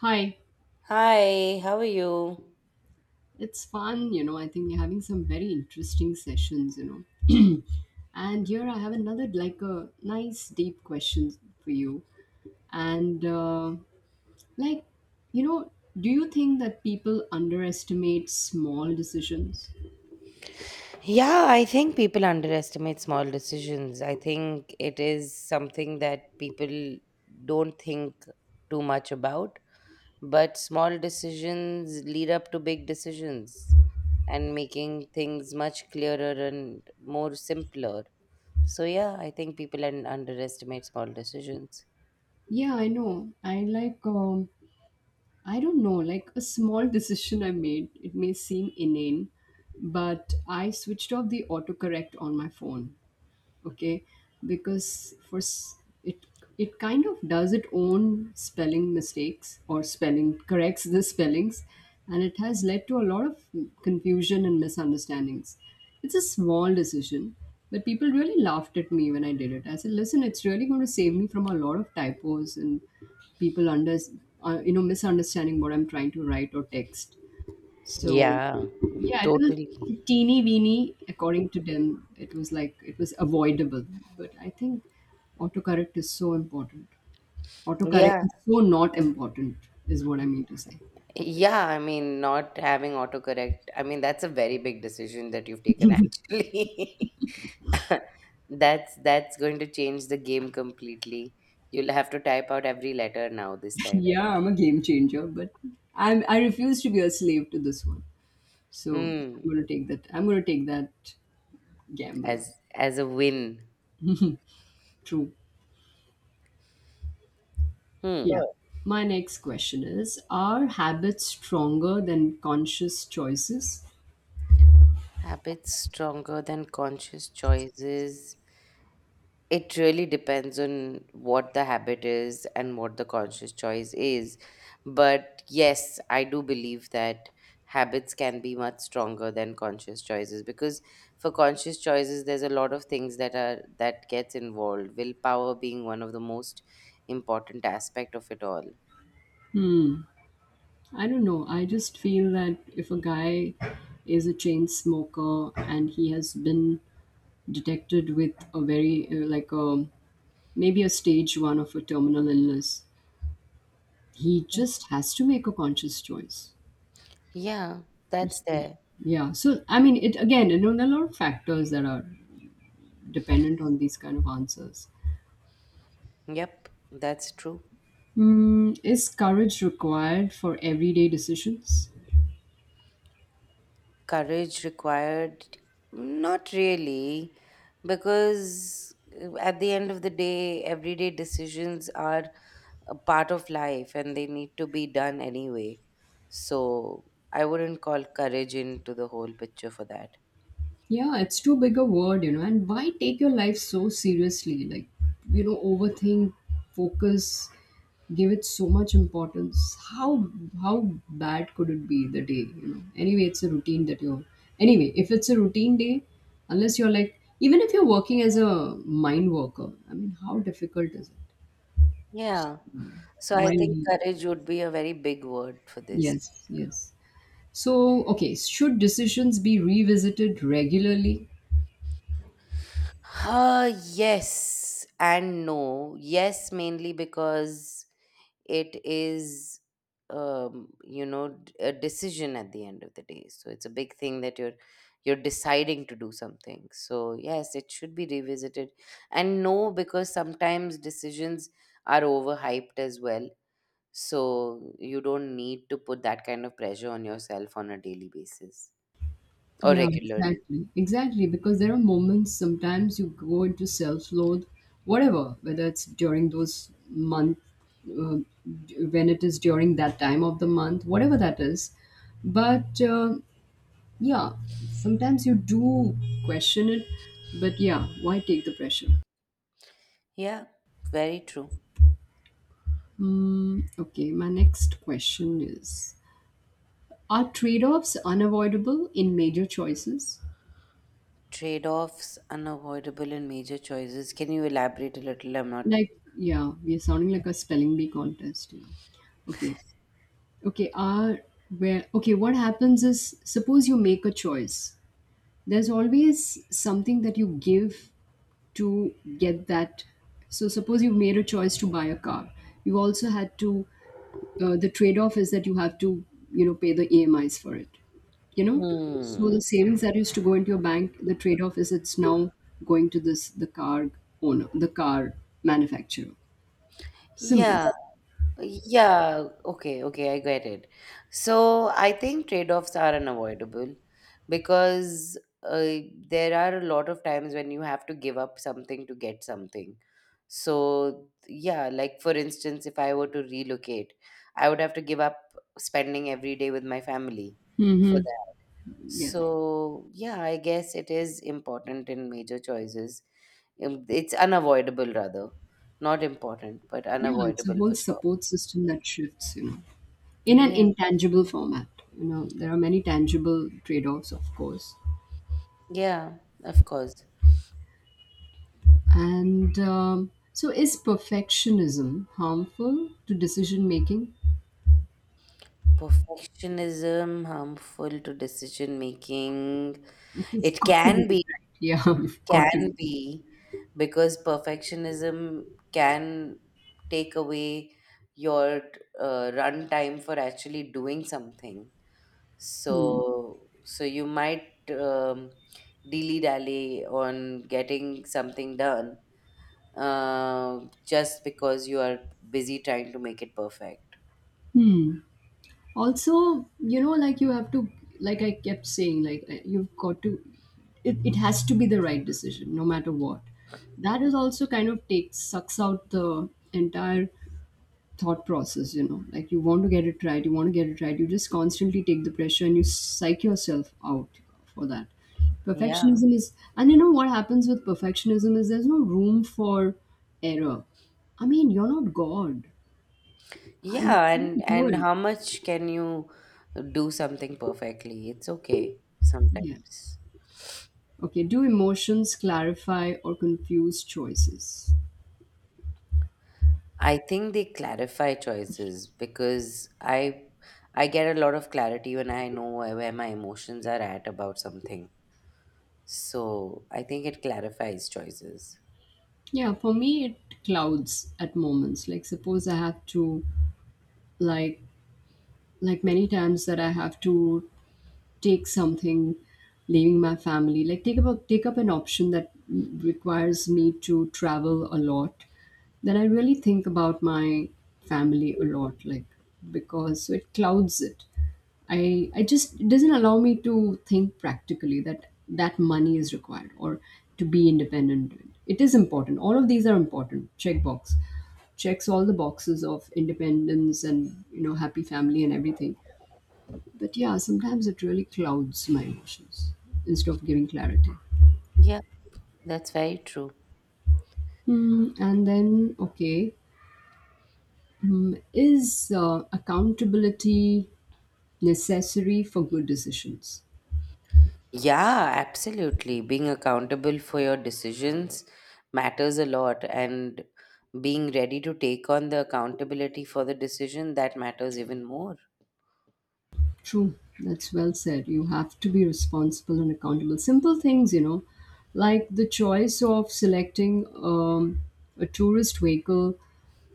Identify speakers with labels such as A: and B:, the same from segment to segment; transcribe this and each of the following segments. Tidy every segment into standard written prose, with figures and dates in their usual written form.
A: Hi,
B: Hi, how are you?
A: it's fun. I think we're having some very interesting sessions, know. And here I have another, like, a nice deep question for you. And, like, you know, Do you think that people underestimate small decisions?
B: Yeah, I think people underestimate small decisions. I think it is something that people don't think too much about, but small decisions lead up to big decisions and making things much clearer and more simpler. So, yeah, I think people underestimate small decisions.
A: Yeah, I know. I like, I don't know, like a small decision I made. It may seem inane, but I switched off the autocorrect on my phone. Okay, because for s- it it kind of does its own spelling mistakes or spelling corrects the spellings, and it has led to a lot of confusion and misunderstandings. It's a small decision, but people really laughed at me when I did it. I said, listen, it's really going to save me from a lot of typos and people under you know misunderstanding what I'm trying to write or text. So
B: Yeah,
A: yeah, it was
B: totally.
A: teeny weeny. According to them, it was like it was avoidable. But I think autocorrect is so important. Autocorrect
B: Yeah,
A: is so not important, is what I mean to say.
B: Yeah, I mean, not having autocorrect, I mean, that's a very big decision that you've taken actually. That's going to change the game completely. You'll have to type out every letter now this time.
A: Yeah, I'm a game changer, but I refuse to be a slave to this one. So I'm
B: Hmm.
A: gonna take that. I'm gonna take that gamble.
B: As a win.
A: True.
B: Hmm.
A: Yeah. My next question is: are habits stronger than conscious choices?
B: Habits stronger than conscious choices. It really depends on what the habit is and what the conscious choice is. But yes, I do believe that habits can be much stronger than conscious choices, because for conscious choices there's a lot of things that gets involved, willpower being one of the most important aspect of it all.
A: I don't know. I just feel that if a guy is a chain smoker and he has been detected with a maybe a stage one of a terminal illness, he just has to make a conscious choice.
B: Yeah, that's there.
A: Yeah. So, I mean, it again, you know, there are a lot of factors that are dependent on these kind of answers.
B: Yep, that's true.
A: Is courage required for everyday decisions?
B: Courage required? Not really, because at the end of the day, everyday decisions are a part of life and they need to be done anyway. So I wouldn't call courage into the whole picture for that.
A: Yeah, it's too big a word, you know. And why take your life so seriously? Like, you know, overthink, focus, give it so much importance. How bad could it be the day, you know? Anyway, it's a routine that you're anyway, If it's a routine day, unless you're like, even if you're working as a mind worker, I mean, how difficult is it?
B: Yeah. So I think
A: While
B: courage would be a very big word for this.
A: yes, yes. So okay, should decisions be revisited regularly?
B: Yes and no. Yes, mainly because it is you know, a decision at the end of the day, so it's a big thing that you're deciding to do something, so yes, it should be revisited. And no, because sometimes decisions are overhyped as well, so you don't need to put that kind of pressure on yourself on a daily basis or
A: Yeah,
B: regularly.
A: exactly. Exactly. Because there are moments sometimes you go into self loathe, whatever, whether it's during those month, uh, d- when it is during that time of the month, whatever that is. But Yeah, sometimes you do question it. But yeah, why take the pressure?
B: Yeah, very true.
A: Okay, my next question is: are trade offs unavoidable in major choices?
B: Trade-offs unavoidable in major choices? Can you elaborate a little? I'm not.
A: Like, yeah, we are sounding like a spelling bee contest. Yeah. Okay. okay are where okay what happens is, suppose you make a choice, there's always something that you give to get that. So suppose you've made a choice to buy a car. You also had to, the trade-off is that you have to, you know, pay the EMIs for it, you know. So
B: Hmm.
A: the savings that used to go into your bank, the trade-off is it's now going to this the car owner, the car manufacturer. Simple.
B: Yeah, yeah, okay, okay, I get it. So I think trade-offs are unavoidable, because uh, there are a lot of times when you have to give up something to get something. So, yeah, like for instance, if I were to relocate, I would have to give up spending every day with my family for
A: Hmm.
B: that.
A: Yeah,
B: So, yeah, I guess it is important in major choices. It's unavoidable, rather. Not important, but
A: yeah, it's a
B: unavoidable
A: whole
B: for sure.
A: support system that shifts, you know, in an
B: Yeah.
A: intangible format. You know, there are many tangible trade offs, of course.
B: Yeah, of course.
A: Is perfectionism harmful to decision making?
B: Perfectionism, harmful to decision making.
A: Like, you've
B: It
A: got to get it right. Yeah, you've got
B: can
A: to.
B: be, because perfectionism can take away your run time for actually doing something. So, so you might, um, dilly-dally on getting something done, uh, just because you are busy trying to make it perfect.
A: Also, you know, like you have to, like I kept saying, you've got to, it has to be the right decision no matter what. That is also kind of takes, sucks out the entire thought process, you know. Like you want to get it right, you want to get it right, you just constantly take the pressure and you psych yourself out for that.
B: Yeah.
A: Perfectionism is, and you know what happens with perfectionism is there's no room for error. I mean, you're not god. Ah, you
B: Yeah, and
A: can't do it.
B: how much can you do something perfectly? It's okay
A: Yeah.
B: sometimes.
A: Okay, do emotions clarify or confuse choices?
B: I think they clarify choices, because I get a lot of clarity when I know where my emotions are at about something. So I think it clarifies choices.
A: Yeah, for me it clouds at moments. Like, suppose I have to, like like many times that I have to take something, leaving my family, like take up an option that requires me to travel a lot, then I really think about my family a lot. Like, because so it clouds it. I just, it doesn't allow me to think practically that money is required, or to be independent, it is important. All of these are important. Check box, checks all the boxes of independence and, you know, happy family and everything. But yeah, sometimes it really clouds my emotions instead of giving clarity.
B: Yeah, that's very true.
A: Hmm, and then, okay, hmm, is accountability necessary for good decisions?
B: Yeah, absolutely. Being accountable for your decisions matters a lot, and being ready to take on the accountability for the decision that matters even more.
A: True, that's well said. You have to be responsible and accountable. Simple things, you know, like the choice of selecting a tourist vehicle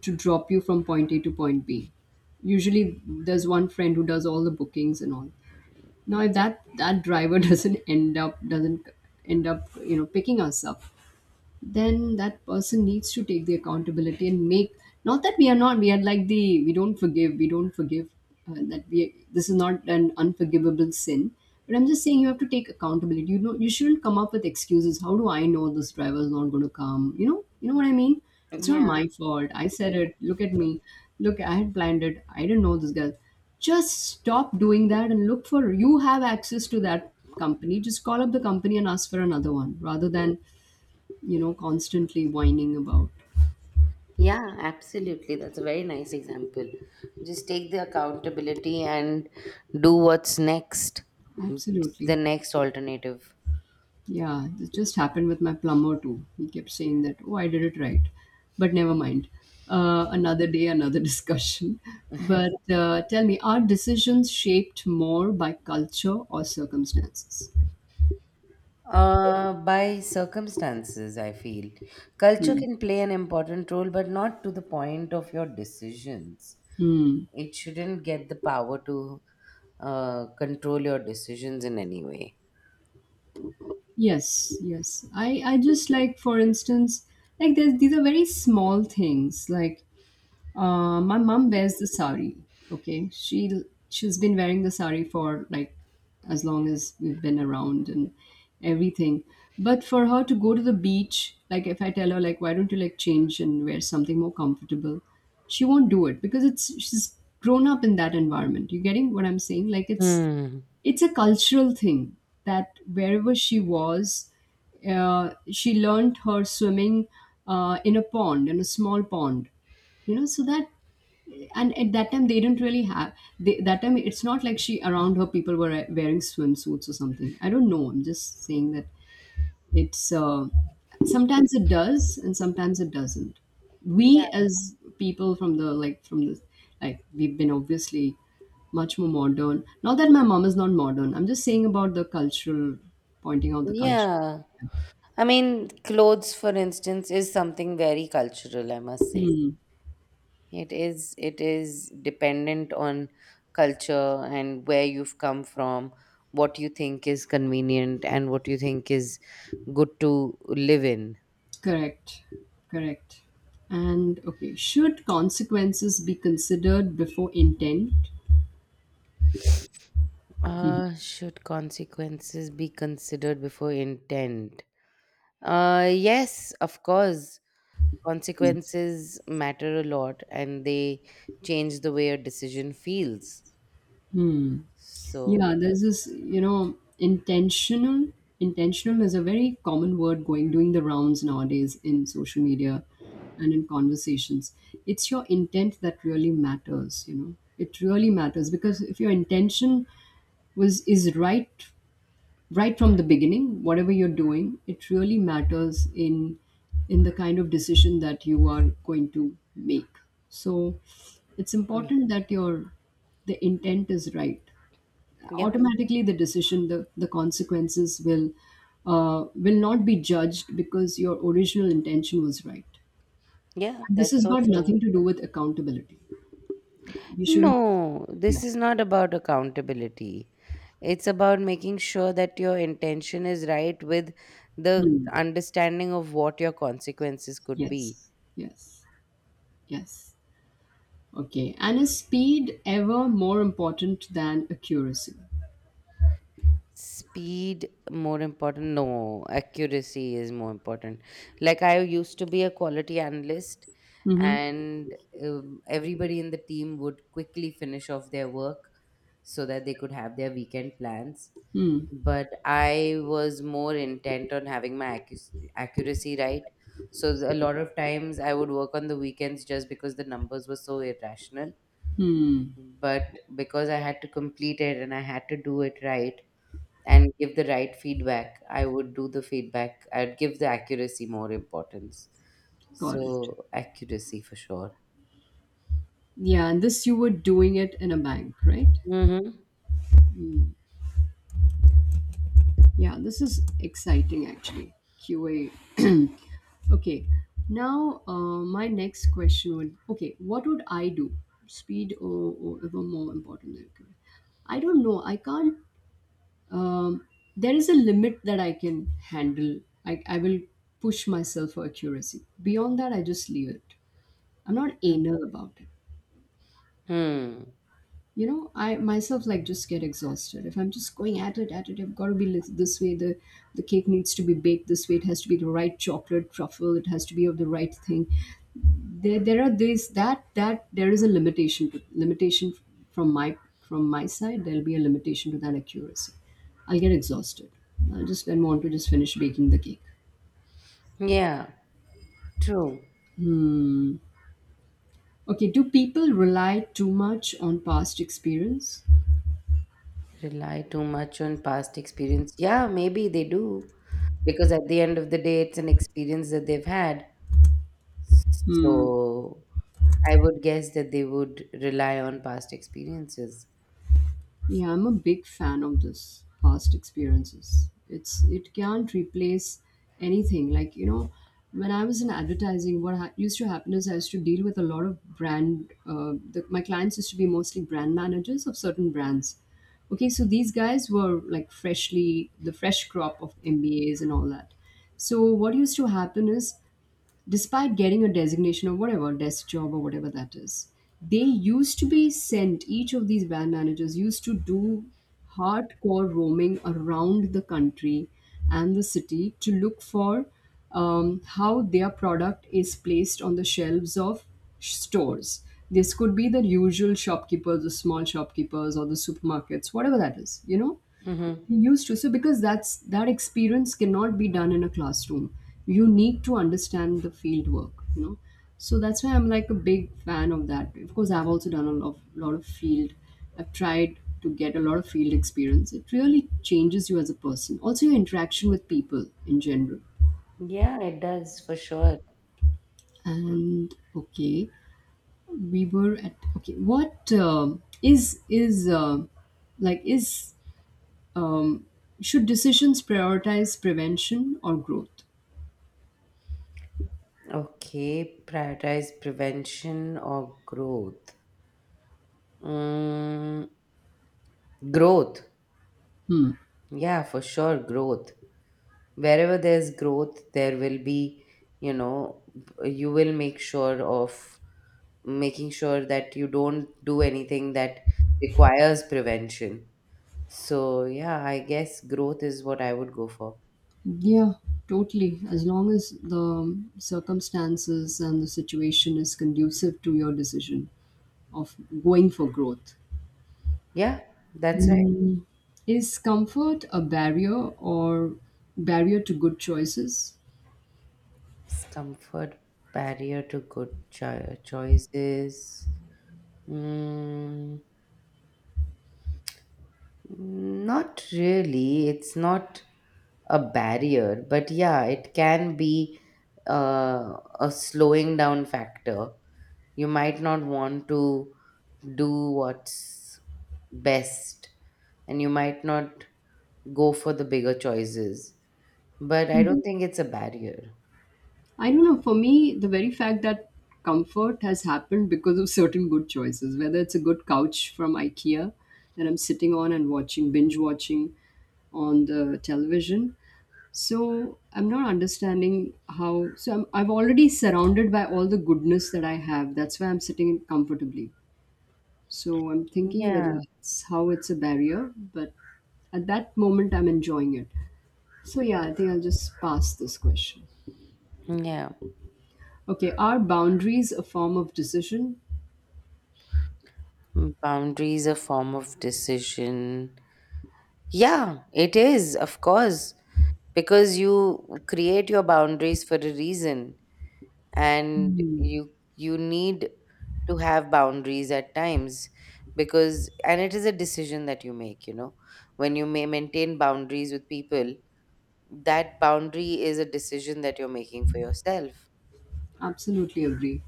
A: to drop you from point A to point B. Usually, there's one friend who does all the bookings and all. Now, if that driver doesn't end up, you know, picking us up, then that person needs to take the accountability and make, not that we are not we are like the we don't forgive we don't forgive, that we this is not an unforgivable sin, but I'm just saying you have to take accountability. You know, you shouldn't come up with excuses. How do I know this driver is not going to come? You know, you know what I mean. It's not
B: Yeah.
A: my fault, I said it. Look at me, look, I had planned it, I didn't know this guy. Just stop doing that and look for, you have access to that company, just call up the company and ask for another one rather than, you know, constantly whining about.
B: Yeah, absolutely. That's a very nice example. Just take the accountability and do what's next. It's the
A: Absolutely.
B: next alternative.
A: Yeah, this just happened with my plumber too. He kept saying that, oh, I did it right. But never mind. Another day, another discussion. But Tell me, are decisions shaped more by culture or circumstances?
B: By circumstances, I feel. Culture
A: Hmm.
B: can play an important role, but not to the point of your decisions.
A: Hmm.
B: It shouldn't get the power to control your decisions in any way.
A: Yes, yes. I just like, for instance, these are very small things. Like, my mom wears the sari. Okay, she's been wearing the sari for like as long as we've been around and everything. But for her to go to the beach, like if I tell her, like, why don't you like change and wear something more comfortable, she won't do it because it's, she's grown up in that environment. You getting what I'm saying? Like, it's
B: Hmm.
A: it's a cultural thing, that wherever she was, she learned her swimming in a pond, in a small pond, you know, so that. And at that time they didn't really have, they, that time it's not like she, around her people were wearing swimsuits or something. I don't know, I'm just saying that it's sometimes it does and sometimes it doesn't. We
B: Yeah.
A: as people from the, like, from the, like, we've been obviously much more modern, not that my mom is not modern, I'm just saying about the cultural, pointing out the culture.
B: Yeah. I mean, clothes, for instance, is something very cultural, I must say.
A: Hmm.
B: It is dependent on culture and where you've come from, what you think is convenient and what you think is good to live in.
A: Correct. Correct. And okay, should consequences be considered before intent?
B: Should consequences be considered before intent? Yes, of course. Consequences matter a lot, and they change the way a decision feels, so
A: Yeah, there's this, you know, intentional. Intentional is a very common word going, doing the rounds nowadays in social media and in conversations. It's your intent that really matters, you know. It really matters because if your intention was is right, right from the beginning, whatever you're doing, it really matters in the kind of decision that you are going to make. So it's
B: yeah, yeah,
A: important that your, the intent is right,
B: yeah,
A: automatically the decision, the consequences will, will not be judged because your original intention was right.
B: yeah,
A: And this
B: that's
A: has
B: so
A: got
B: true.
A: nothing to do with accountability, we shouldn't.
B: No,
A: Yeah.
B: this is not about accountability. It's about making sure that your intention is right with the
A: Hmm.
B: understanding of what your consequences could be.
A: Yes, yes, yes. Okay. And is speed ever more important than accuracy?
B: Speed more important? No, accuracy is more important. Like, I used to be a quality analyst,
A: Mm-hmm.
B: and everybody in the team would quickly finish off their work so that they could have their weekend plans. But I was more intent on having my accuracy right, so a lot of times I would work on the weekends just because the numbers were so irrational. But because I had to complete it and I had to do it right and give the right feedback, I would do the feedback. I'd give the accuracy more importance.
A: Got it.
B: So accuracy for sure.
A: Yeah, and this you were doing it in a bank, right?
B: Mm-hmm.
A: Yeah, this is exciting actually. QA. Okay. Now, my next question would, okay, what would I do? Speed or ever more important than accuracy? I don't know. I can't. Um, there is a limit that I can handle. I will push myself for accuracy. Beyond that, I just leave it. I'm not anal about it.
B: Hmm.
A: You know, I myself like just get exhausted. If I'm just going at it, I've got to be li- this way. The cake needs to be baked this way. It has to be the right chocolate truffle. It has to be of the right thing. There are these that that there is a limitation to limitation from my, from my side. There'll be a limitation to that accuracy. I'll get exhausted. I'll just then want to just finish baking the cake.
B: Yeah, true.
A: Hmm. Okay. Do people rely too much on past experience?
B: Rely too much on past experience. Yeah, maybe they do. Because at the end of the day, it's an experience that they've had.
A: Hmm.
B: So I would guess that they would rely on past experiences.
A: Yeah, I'm a big fan of this past experiences. It's, it can't replace anything. Like when I was in advertising, what used to happen is I used to deal with a lot of brand. My clients used to be mostly brand managers of certain brands. Okay, so these guys were like freshly the fresh crop of MBAs and all that. So what used to happen is, despite getting a designation or whatever desk job or whatever that is, they used to be sent each of these van managers used to do hardcore roaming around the country and the city to look for how their product is placed on the shelves of stores. This could be the usual shopkeepers, the small shopkeepers, or the supermarkets, whatever that is. you know
B: Mm-hmm.
A: used to so because that's, that experience cannot be done in a classroom. You need to understand the field work, you know So that's why I'm like a big fan of that. Of course, I've also done a lot of, field. I've tried to get a lot of field experience. It really changes you as a person, also your interaction with people in general.
B: Yeah, it does for sure.
A: And okay, we were at. Okay what is like is um, should decisions prioritize prevention or growth?
B: Okay, prioritize prevention or growth? Mm, growth. Yeah, for sure, growth. Wherever there's growth, there will be, you know, you will make sure of making sure that you don't do anything that requires prevention. So, yeah, I guess growth is what I would go for.
A: Yeah, totally. As long as the circumstances and the situation is conducive to your decision of going for growth.
B: Yeah, that's right.
A: Mm, Is comfort a barrier to good choices?
B: Discomfort, barrier to good choices. Mm, not really. It's not a barrier, but yeah, it can be uh, a slowing down factor. You might not want to do what's best, and you might not go for the bigger choices. But I
A: Hmm.
B: don't think it's a barrier.
A: I don't know. For me, the very fact that comfort has happened because of certain good choices, whether it's a good couch from IKEA that I'm sitting on and binge watching on the television. So I'm not understanding how. So I'm already surrounded by all the goodness that I have. That's why I'm sitting comfortably. So I'm thinking whether
B: Yeah,
A: it's how it's a barrier, but at that moment I'm enjoying it. So yeah, I think I'll just pass this question.
B: yeah.
A: Okay, are boundaries a form of decision?
B: Boundaries a form of decision. Yeah, it is, of course, because you create your boundaries for a reason. And you need to have boundaries at times, because and it is a decision that you make, you know, when you may maintain boundaries with people, that boundary is a decision that you're making for yourself.
A: Absolutely agree.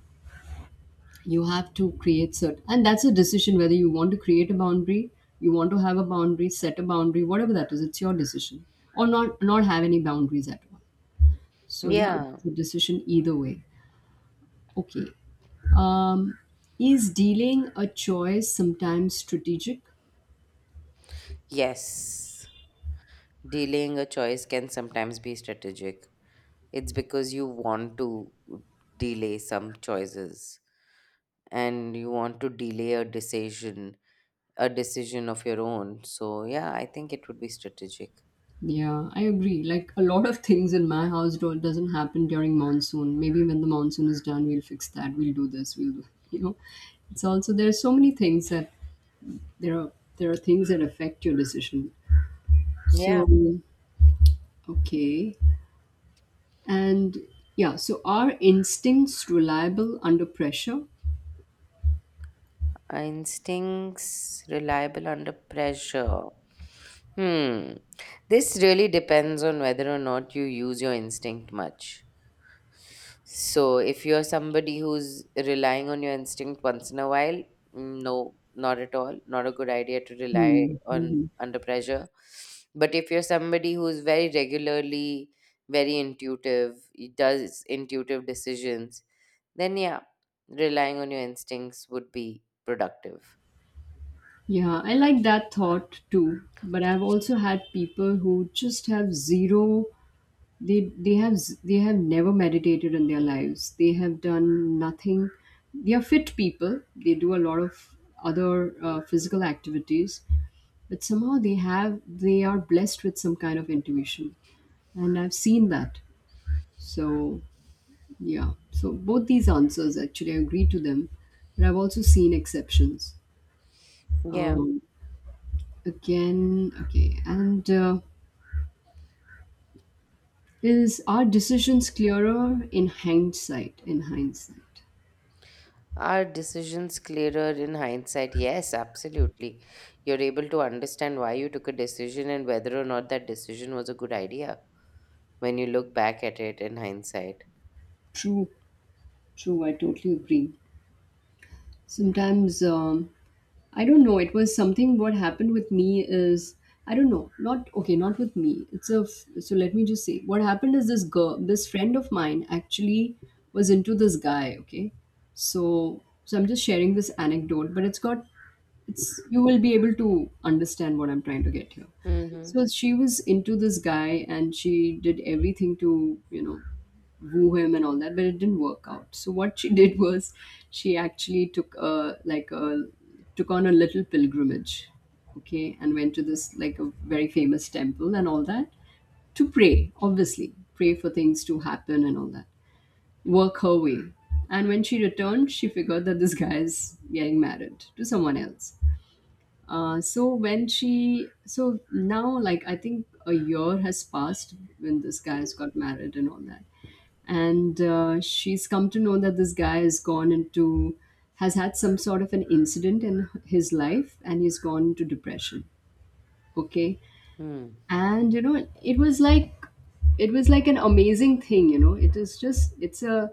A: You have to create certain, and that's a decision, whether you want to create a boundary, you want to have a boundary, set a boundary, whatever that is. It's your decision, or not have any boundaries at all. So yeah,
B: Yeah.
A: it's a decision either way. Okay. Um, is dealing a choice sometimes strategic?
B: Yes, delaying a choice can sometimes be strategic. It's because you want to delay some choices, and you want to delay a decision, a decision of your own. So yeah, I think it would be strategic.
A: Yeah, I agree. Like, a lot of things in my house don't doesn't happen during monsoon. Maybe when the monsoon is done, we'll fix that. We'll do this. We'll do. It's also, there are so many things that there are there are things that affect your decision.
B: Yeah.
A: So okay, and yeah. So are instincts reliable under pressure?
B: Instincts reliable under pressure. Hmm. This really depends on whether or not you use your instinct much. So, if you're somebody who's relying on your instinct once in a while, mm, no, not at all. Not a good idea to rely
A: Hmm.
B: on
A: Mhm.
B: under pressure. But if you're somebody who's very regularly very intuitive, does intuitive decisions, then yeah, relying on your instincts would be productive.
A: Yeah, I like that thought too. But I've also had people who just have zero. They have never meditated in their lives. They have done nothing. They are fit people. They do a lot of other physical activities, but somehow they are blessed with some kind of intuition, and I've seen that. So yeah, so both these answers actually I agree to them, but I've also seen exceptions
B: Yeah,
A: um, again, okay, and is our decisions clearer in hindsight? In hindsight,
B: are decisions clearer in hindsight? Yes, absolutely. You're able to understand why you took a decision and whether or not that decision was a good idea when you look back at it in hindsight.
A: true, true. I totally agree. Sometimes, I don't know. It was something, what happened with me is, I don't know. Not okay, not with me. It's so let me just say what happened is this girl, this friend of mine actually was into this guy, okay? So I'm just sharing this anecdote, but it's got it's you will be able to understand what I'm trying to get here.
B: Mm-hmm.
A: So she was into this guy and she did everything to woo him and all that, but it didn't work out. So what she did was, she actually took on a little pilgrimage, okay, and went to this, like, a very famous temple and all that, to pray, obviously pray for things to happen and all that, work her way. And when she returned, she figured that this guy is getting married to someone else. So when she, so now, like, I think a year has passed, when this guy has got married and all that, and she's come to know that this guy has gone into has had some sort of an incident in his life, and he's gone into depression, okay.
B: Hmm.
A: And you know, it was like, an amazing thing. It is just,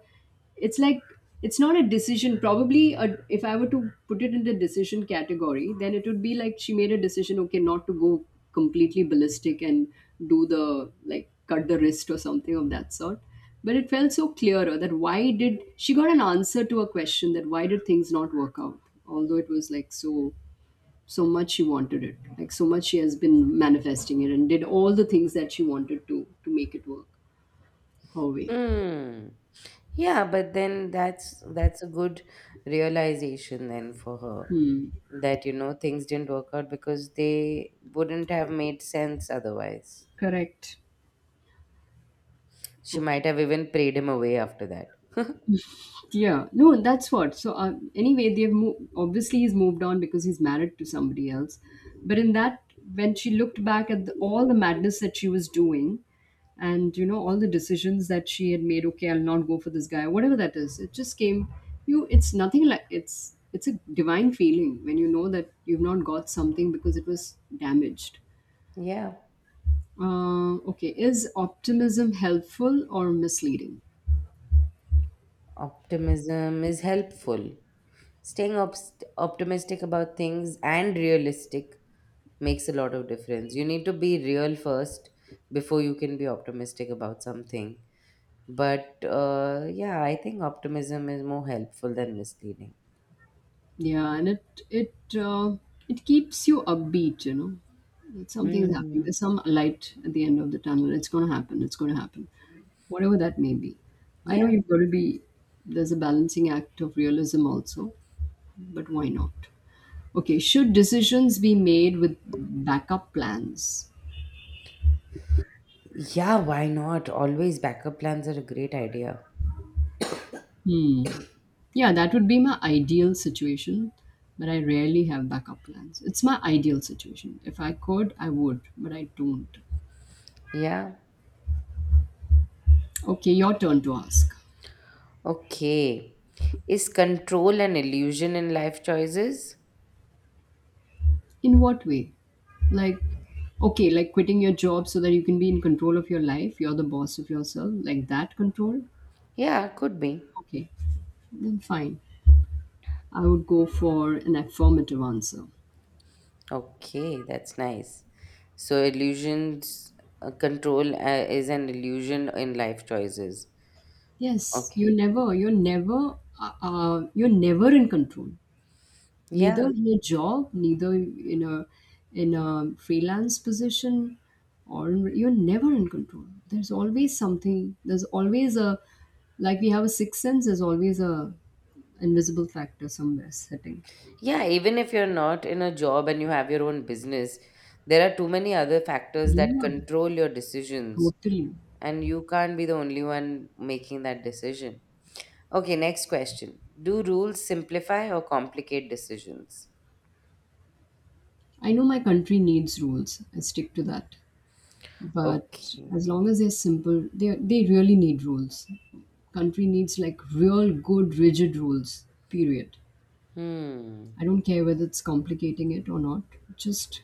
A: it's like it's not a decision, if I were to put it in the decision category, then it would be like she made a decision, okay, not to go completely ballistic and do the like cut the wrist or something of that sort. But it felt so clearer that, why did she got an answer to a question, that why did things not work out? Although it was like, so much she wanted it, like so much she has been manifesting it and did all the things that she wanted to make it work her way.
B: Mm. Yeah, but then that's a good realization then for her, that you know things didn't work out because they wouldn't have made sense otherwise.
A: Correct.
B: She
A: Okay.
B: might have even prayed him away after that.
A: Yeah, no, that's what. So anyway, obviously he's moved on because he's married to somebody else. But in that, when she looked back at all the madness that she was doing, and all the decisions that she had made, okay, I'll not go for this guy, whatever that is, it just came. It's nothing, like, it's a divine feeling when you know that you've not got something because it was damaged.
B: Yeah,
A: Okay, is optimism helpful or misleading?
B: optimism is helpful. Staying obst optimistic about things and realistic makes a lot of difference. You need to be real first before you can be optimistic about something. But yeah, I think optimism is more helpful than misleading.
A: Yeah, and it keeps you upbeat. You know, that something's happening.
B: Hmm.
A: There's some light at the end of the tunnel. It's going to happen. It's going to happen, whatever that may be. I know
B: Yeah,
A: you've got to be. There's a balancing act of realism also, but why not? Okay, should decisions be made with backup plans?
B: yeah, why not, always, backup plans are a great idea.
A: Hmm. Yeah, that would be my ideal situation, but I rarely have backup plans. It's my ideal situation. If I could, I would, but I don't.
B: Yeah.
A: Okay, your turn to ask.
B: Okay, is control an illusion in life choices?
A: In what way? Like, okay, like quitting your job so that you can be in control of your life. You're the boss of yourself, like that control?
B: Yeah, could be.
A: Okay, then fine. I would go for an affirmative answer.
B: Okay, that's nice. So, illusions, control is an illusion in life choices.
A: Yes,
B: Okay.
A: you're never in control. Neither
B: Yeah.
A: in a job, neither in a freelance position, or you're never in control. There's always something, there's always a, like, we have a sixth sense, there's always a invisible factor somewhere sitting.
B: Yeah. Even if you're not in a job and you have your own business, there are too many other factors that
A: Yeah,
B: control your decisions,
A: totally.
B: and you can't be the only one making that decision. Okay. Next question. Do rules simplify or complicate decisions?
A: I know my country needs rules. I stick to that, but
B: Okay.
A: as long as they're simple, they really need rules. Country needs like real good rigid rules, period.
B: Hmm.
A: I don't care whether it's complicating it or not. Just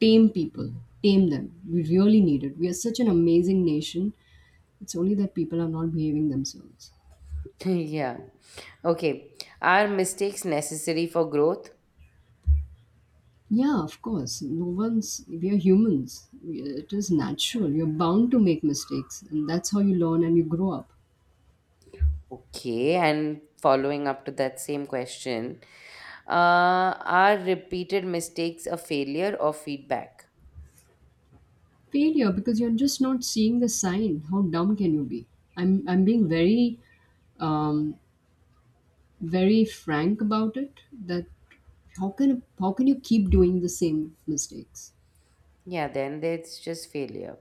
A: tame people, tame them. We really need it. We are such an amazing nation. It's only that people are not behaving themselves.
B: Yeah. Okay. Are mistakes necessary for growth?
A: Yeah, of course. No one's. We are humans. It is natural. You're bound to make mistakes, and that's how you learn and you grow up.
B: Okay, and following up to that same question, are repeated mistakes a failure or feedback?
A: Failure, because you're just not seeing the sign. How dumb can you be? I'm being very um, very frank about it. That, how can you keep doing the same mistakes?
B: Yeah, then it's just failure.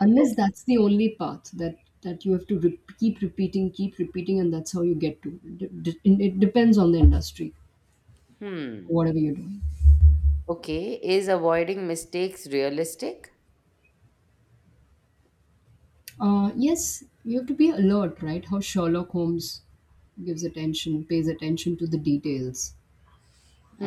A: Unless
B: Okay.
A: that's the only path that you have to keep repeating, keep repeating, and that's how you get to it. It depends on the industry,
B: Hmm.
A: whatever you're doing.
B: Okay, is avoiding mistakes realistic?
A: Yes, you have to be alert, right? How Sherlock Holmes gives attention pays attention to the details.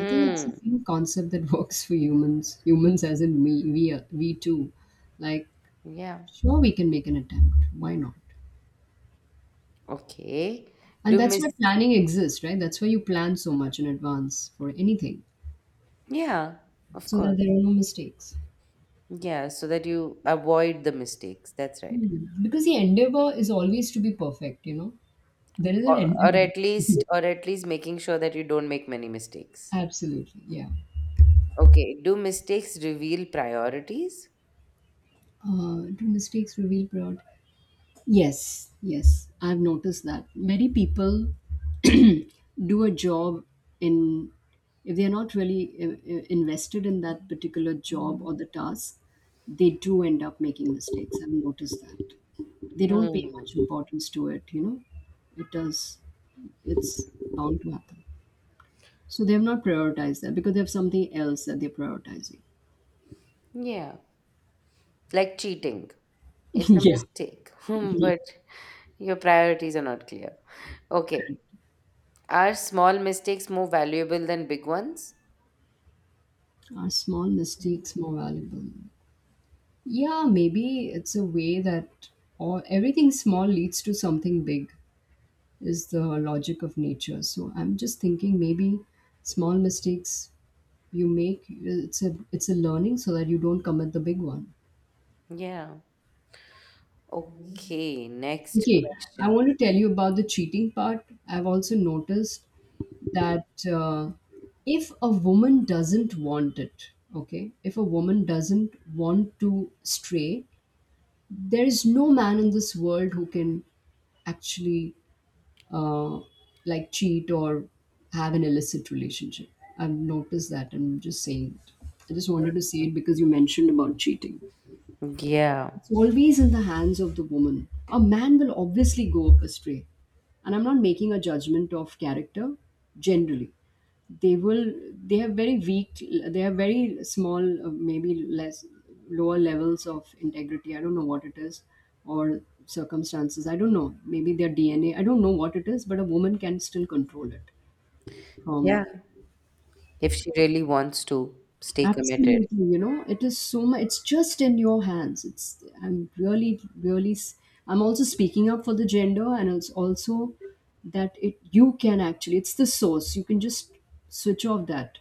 A: I think it's the same concept that works for humans, humans as in me. We too, like,
B: Yeah.
A: sure, we can make an attempt, why not?
B: Okay.
A: And
B: Do
A: that's
B: miss?
A: why planning exists, right? That's why you plan so much in advance for anything,
B: Yeah, of
A: so that
B: course.
A: there are no mistakes.
B: Yeah, so that you avoid the mistakes. That's right.
A: Hmm. Because the endeavor is always to be perfect. There is an
B: Or,
A: endeavor.
B: or at least making sure that you don't make many mistakes.
A: Absolutely, yeah.
B: Okay. Do mistakes reveal priorities?
A: Do mistakes reveal fraud? Yes, yes, I've noticed that. Many people do a job in, if they're not really invested in that particular job
B: Hmm.
A: or the task, they do end up making mistakes. I've noticed that. They don't pay much importance to it. It does, it's bound to happen. So they have not prioritized that because they have something else that they're prioritizing.
B: Yeah, like cheating. It's a
A: yeah.
B: mistake. Hmm,
A: Yeah.
B: but your priorities are not clear. Okay.
A: Correct.
B: Are small mistakes more valuable than big ones?
A: Are small mistakes more valuable? Yeah, maybe it's a way that all everything small leads to something big is the logic of nature. So I'm just thinking, maybe small mistakes you make, it's a, learning, so that you don't commit the big one.
B: Yeah. Okay, next
A: Okay, I
B: question.
A: want to tell you about the cheating part. I've also noticed that if a woman doesn't want it, okay, if a woman doesn't want to stray, there is no man in this world who can actually, uh, like cheat or have an illicit relationship. I've noticed that, and I'm just saying it. I just wanted to say it because you mentioned about cheating.
B: Yeah.
A: It's always in the hands of the woman. A man will obviously go astray. And I'm not making a judgment of character generally. They will, they have very weak, they have very small, maybe less, lower levels of integrity. I don't know what it is, or circumstances. I don't know. Maybe their DNA. I don't know what it is, but a woman can still control it from.
B: Yeah. If she really wants to stay committed.
A: Absolutely, you know, it is so much. It's just in your hands. It's, I'm really, really. I'm also speaking up for the gender, and it's also that it you can actually. It's the source. You can just switch off that,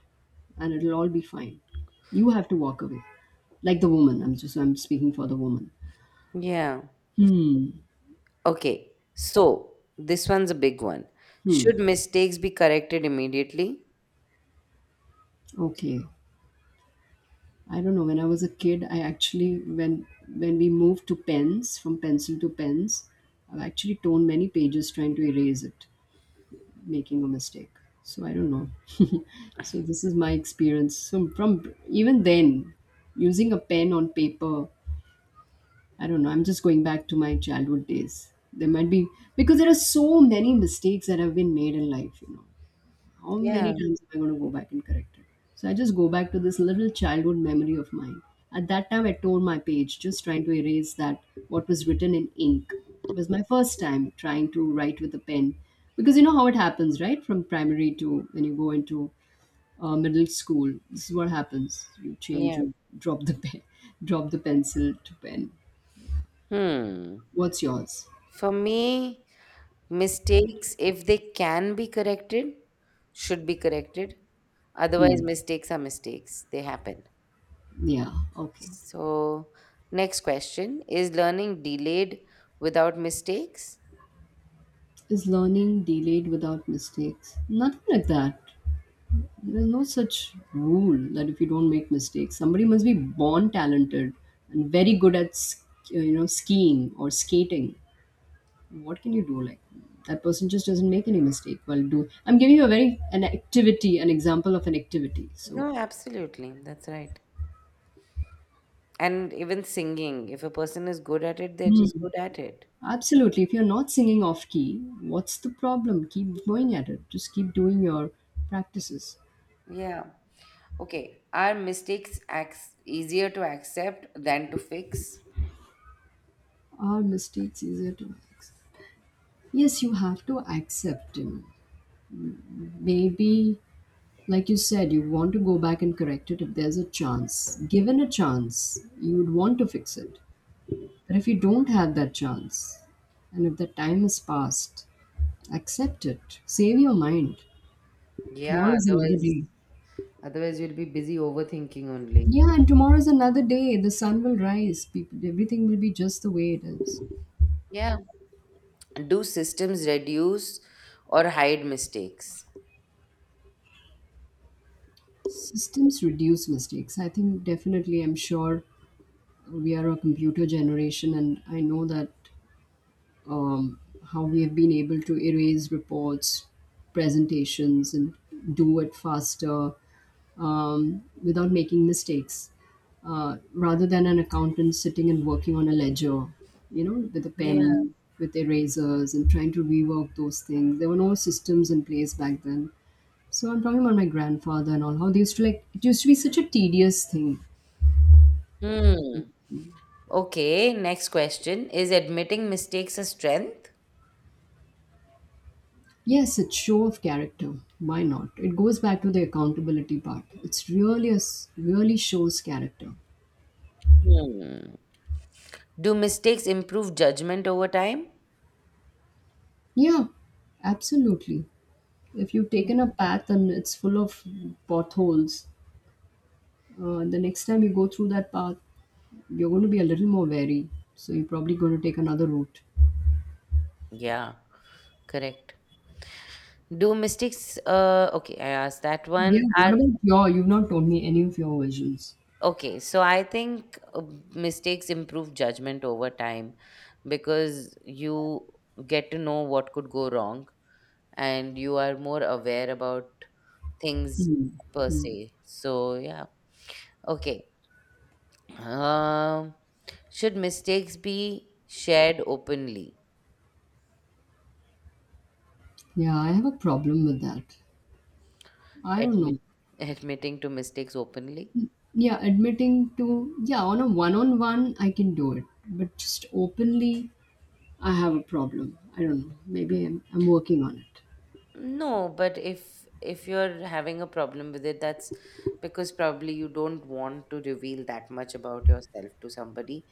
A: and it'll all be fine. You have to walk away, like the woman. I'm just. I'm speaking for the woman.
B: Yeah.
A: Hmm.
B: Okay. So, this one's a big one.
A: Hmm.
B: Should mistakes be corrected immediately?
A: Okay. I don't know. When I was a kid, I actually when we moved to pens from pencil to pens, I've actually torn many pages trying to erase it, making a mistake. So I don't know. So this is my experience. So from even then, using a pen on paper, I don't know. I'm just going back to my childhood days. There might be, because there are so many mistakes that have been made in life, you know. How many
B: Yeah.
A: times am I going to go back and correct it? So I just go back to this little childhood memory of mine. At that time, I tore my page just trying to erase that what was written in ink. It was my first time trying to write with a pen, because you know how it happens, right? From primary to when you go into, middle school, this is what happens. You change,
B: Yeah.
A: you drop the pen, drop the pencil to pen.
B: Hmm.
A: What's yours?
B: For me, mistakes, if they can be corrected, should be corrected. Otherwise,
A: Hmm.
B: mistakes are mistakes, they happen.
A: Yeah. Okay.
B: So, next question. Is learning delayed without mistakes?
A: Is learning delayed without mistakes? Nothing like that. There's no such rule that if you don't make mistakes, somebody must be born talented and very good at you know, skiing or skating. What can you do? Like that person just doesn't make any mistake while do. I'm giving you a very an activity, an example of an activity. So
B: No, absolutely. That's right. And even singing, if a person is good at it, they're just
A: hmm.
B: good at it.
A: Absolutely, if you're not singing off key, what's the problem? Keep going at it. Just keep doing your practices.
B: Yeah. Okay. Are mistakes easier to accept than to fix?
A: Are mistakes easier to fix? Yes, you have to accept him. Maybe, like you said, you want to go back and correct it if there's a chance. Given a chance, you would want to fix it. But if you don't have that chance, and if the time has passed, accept it. Save your mind.
B: Yeah.
A: Tomorrow is another
B: Otherwise,
A: day.
B: otherwise you'll be busy overthinking only.
A: Yeah, and tomorrow is another day. The sun will rise. People, everything will be just the way it is.
B: Yeah. Do systems reduce or hide mistakes?
A: Systems reduce mistakes. I think definitely, I'm sure we are a computer generation, and I know that, um, how we have been able to erase reports, presentations, and do it faster, without making mistakes, rather than an accountant sitting and working on a ledger, you know, with a
B: Yeah.
A: pen, with erasers, and trying to rework those things. There were no systems in place back then. So I'm talking about my grandfather and all how they used to, like, it used to be such a tedious thing.
B: Hmm. Okay, next question. Is admitting mistakes a strength?
A: Yes, it's show of character. Why not? It goes back to the accountability part. It's really a really shows character.
B: Hmm. Do mistakes improve judgment over time?
A: Yeah, absolutely. If you've taken a path and it's full of potholes, the next time you go through that path, you're going to be a little more wary. So you're probably going to take another route.
B: Yeah, correct. Do mistakes, okay, I asked that one.
A: Yeah. What
B: Are,
A: about your? You've not told me any of your visions.
B: okay, so I think mistakes improve judgment over time, because you get to know what could go wrong and you are more aware about things
A: Hmm.
B: per se. So, yeah. Okay. Um, should mistakes be shared openly?
A: Yeah, I have a problem with that. I don't
B: Admit,
A: know.
B: admitting to mistakes openly?
A: Yeah, admitting to, yeah, on a one on one, I can do it. But just openly, I have a problem. I don't know. Maybe I'm working on it.
B: No, but if you're having a problem with it, that's because probably you don't want to reveal that much about yourself to somebody.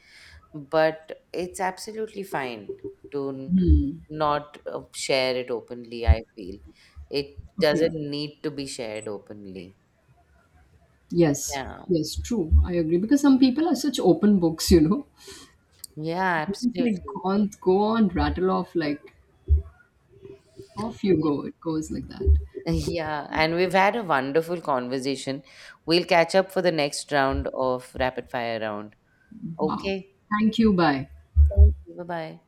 B: But it's absolutely fine to
A: Hmm.
B: not share it openly, I feel. It
A: Okay.
B: doesn't need to be shared openly.
A: Yes.
B: Yeah.
A: Yes, true. I agree. Because some people are such open books, you know.
B: Yeah,
A: It's like,
B: absolutely.
A: go on, go on, rattle off, like, off you
B: Yeah.
A: go. It goes like that.
B: Yeah, and we've had a wonderful conversation. We'll catch up for the next round of rapid fire round.
A: Wow.
B: Okay.
A: Thank you. Bye.
B: Thank you. Bye bye.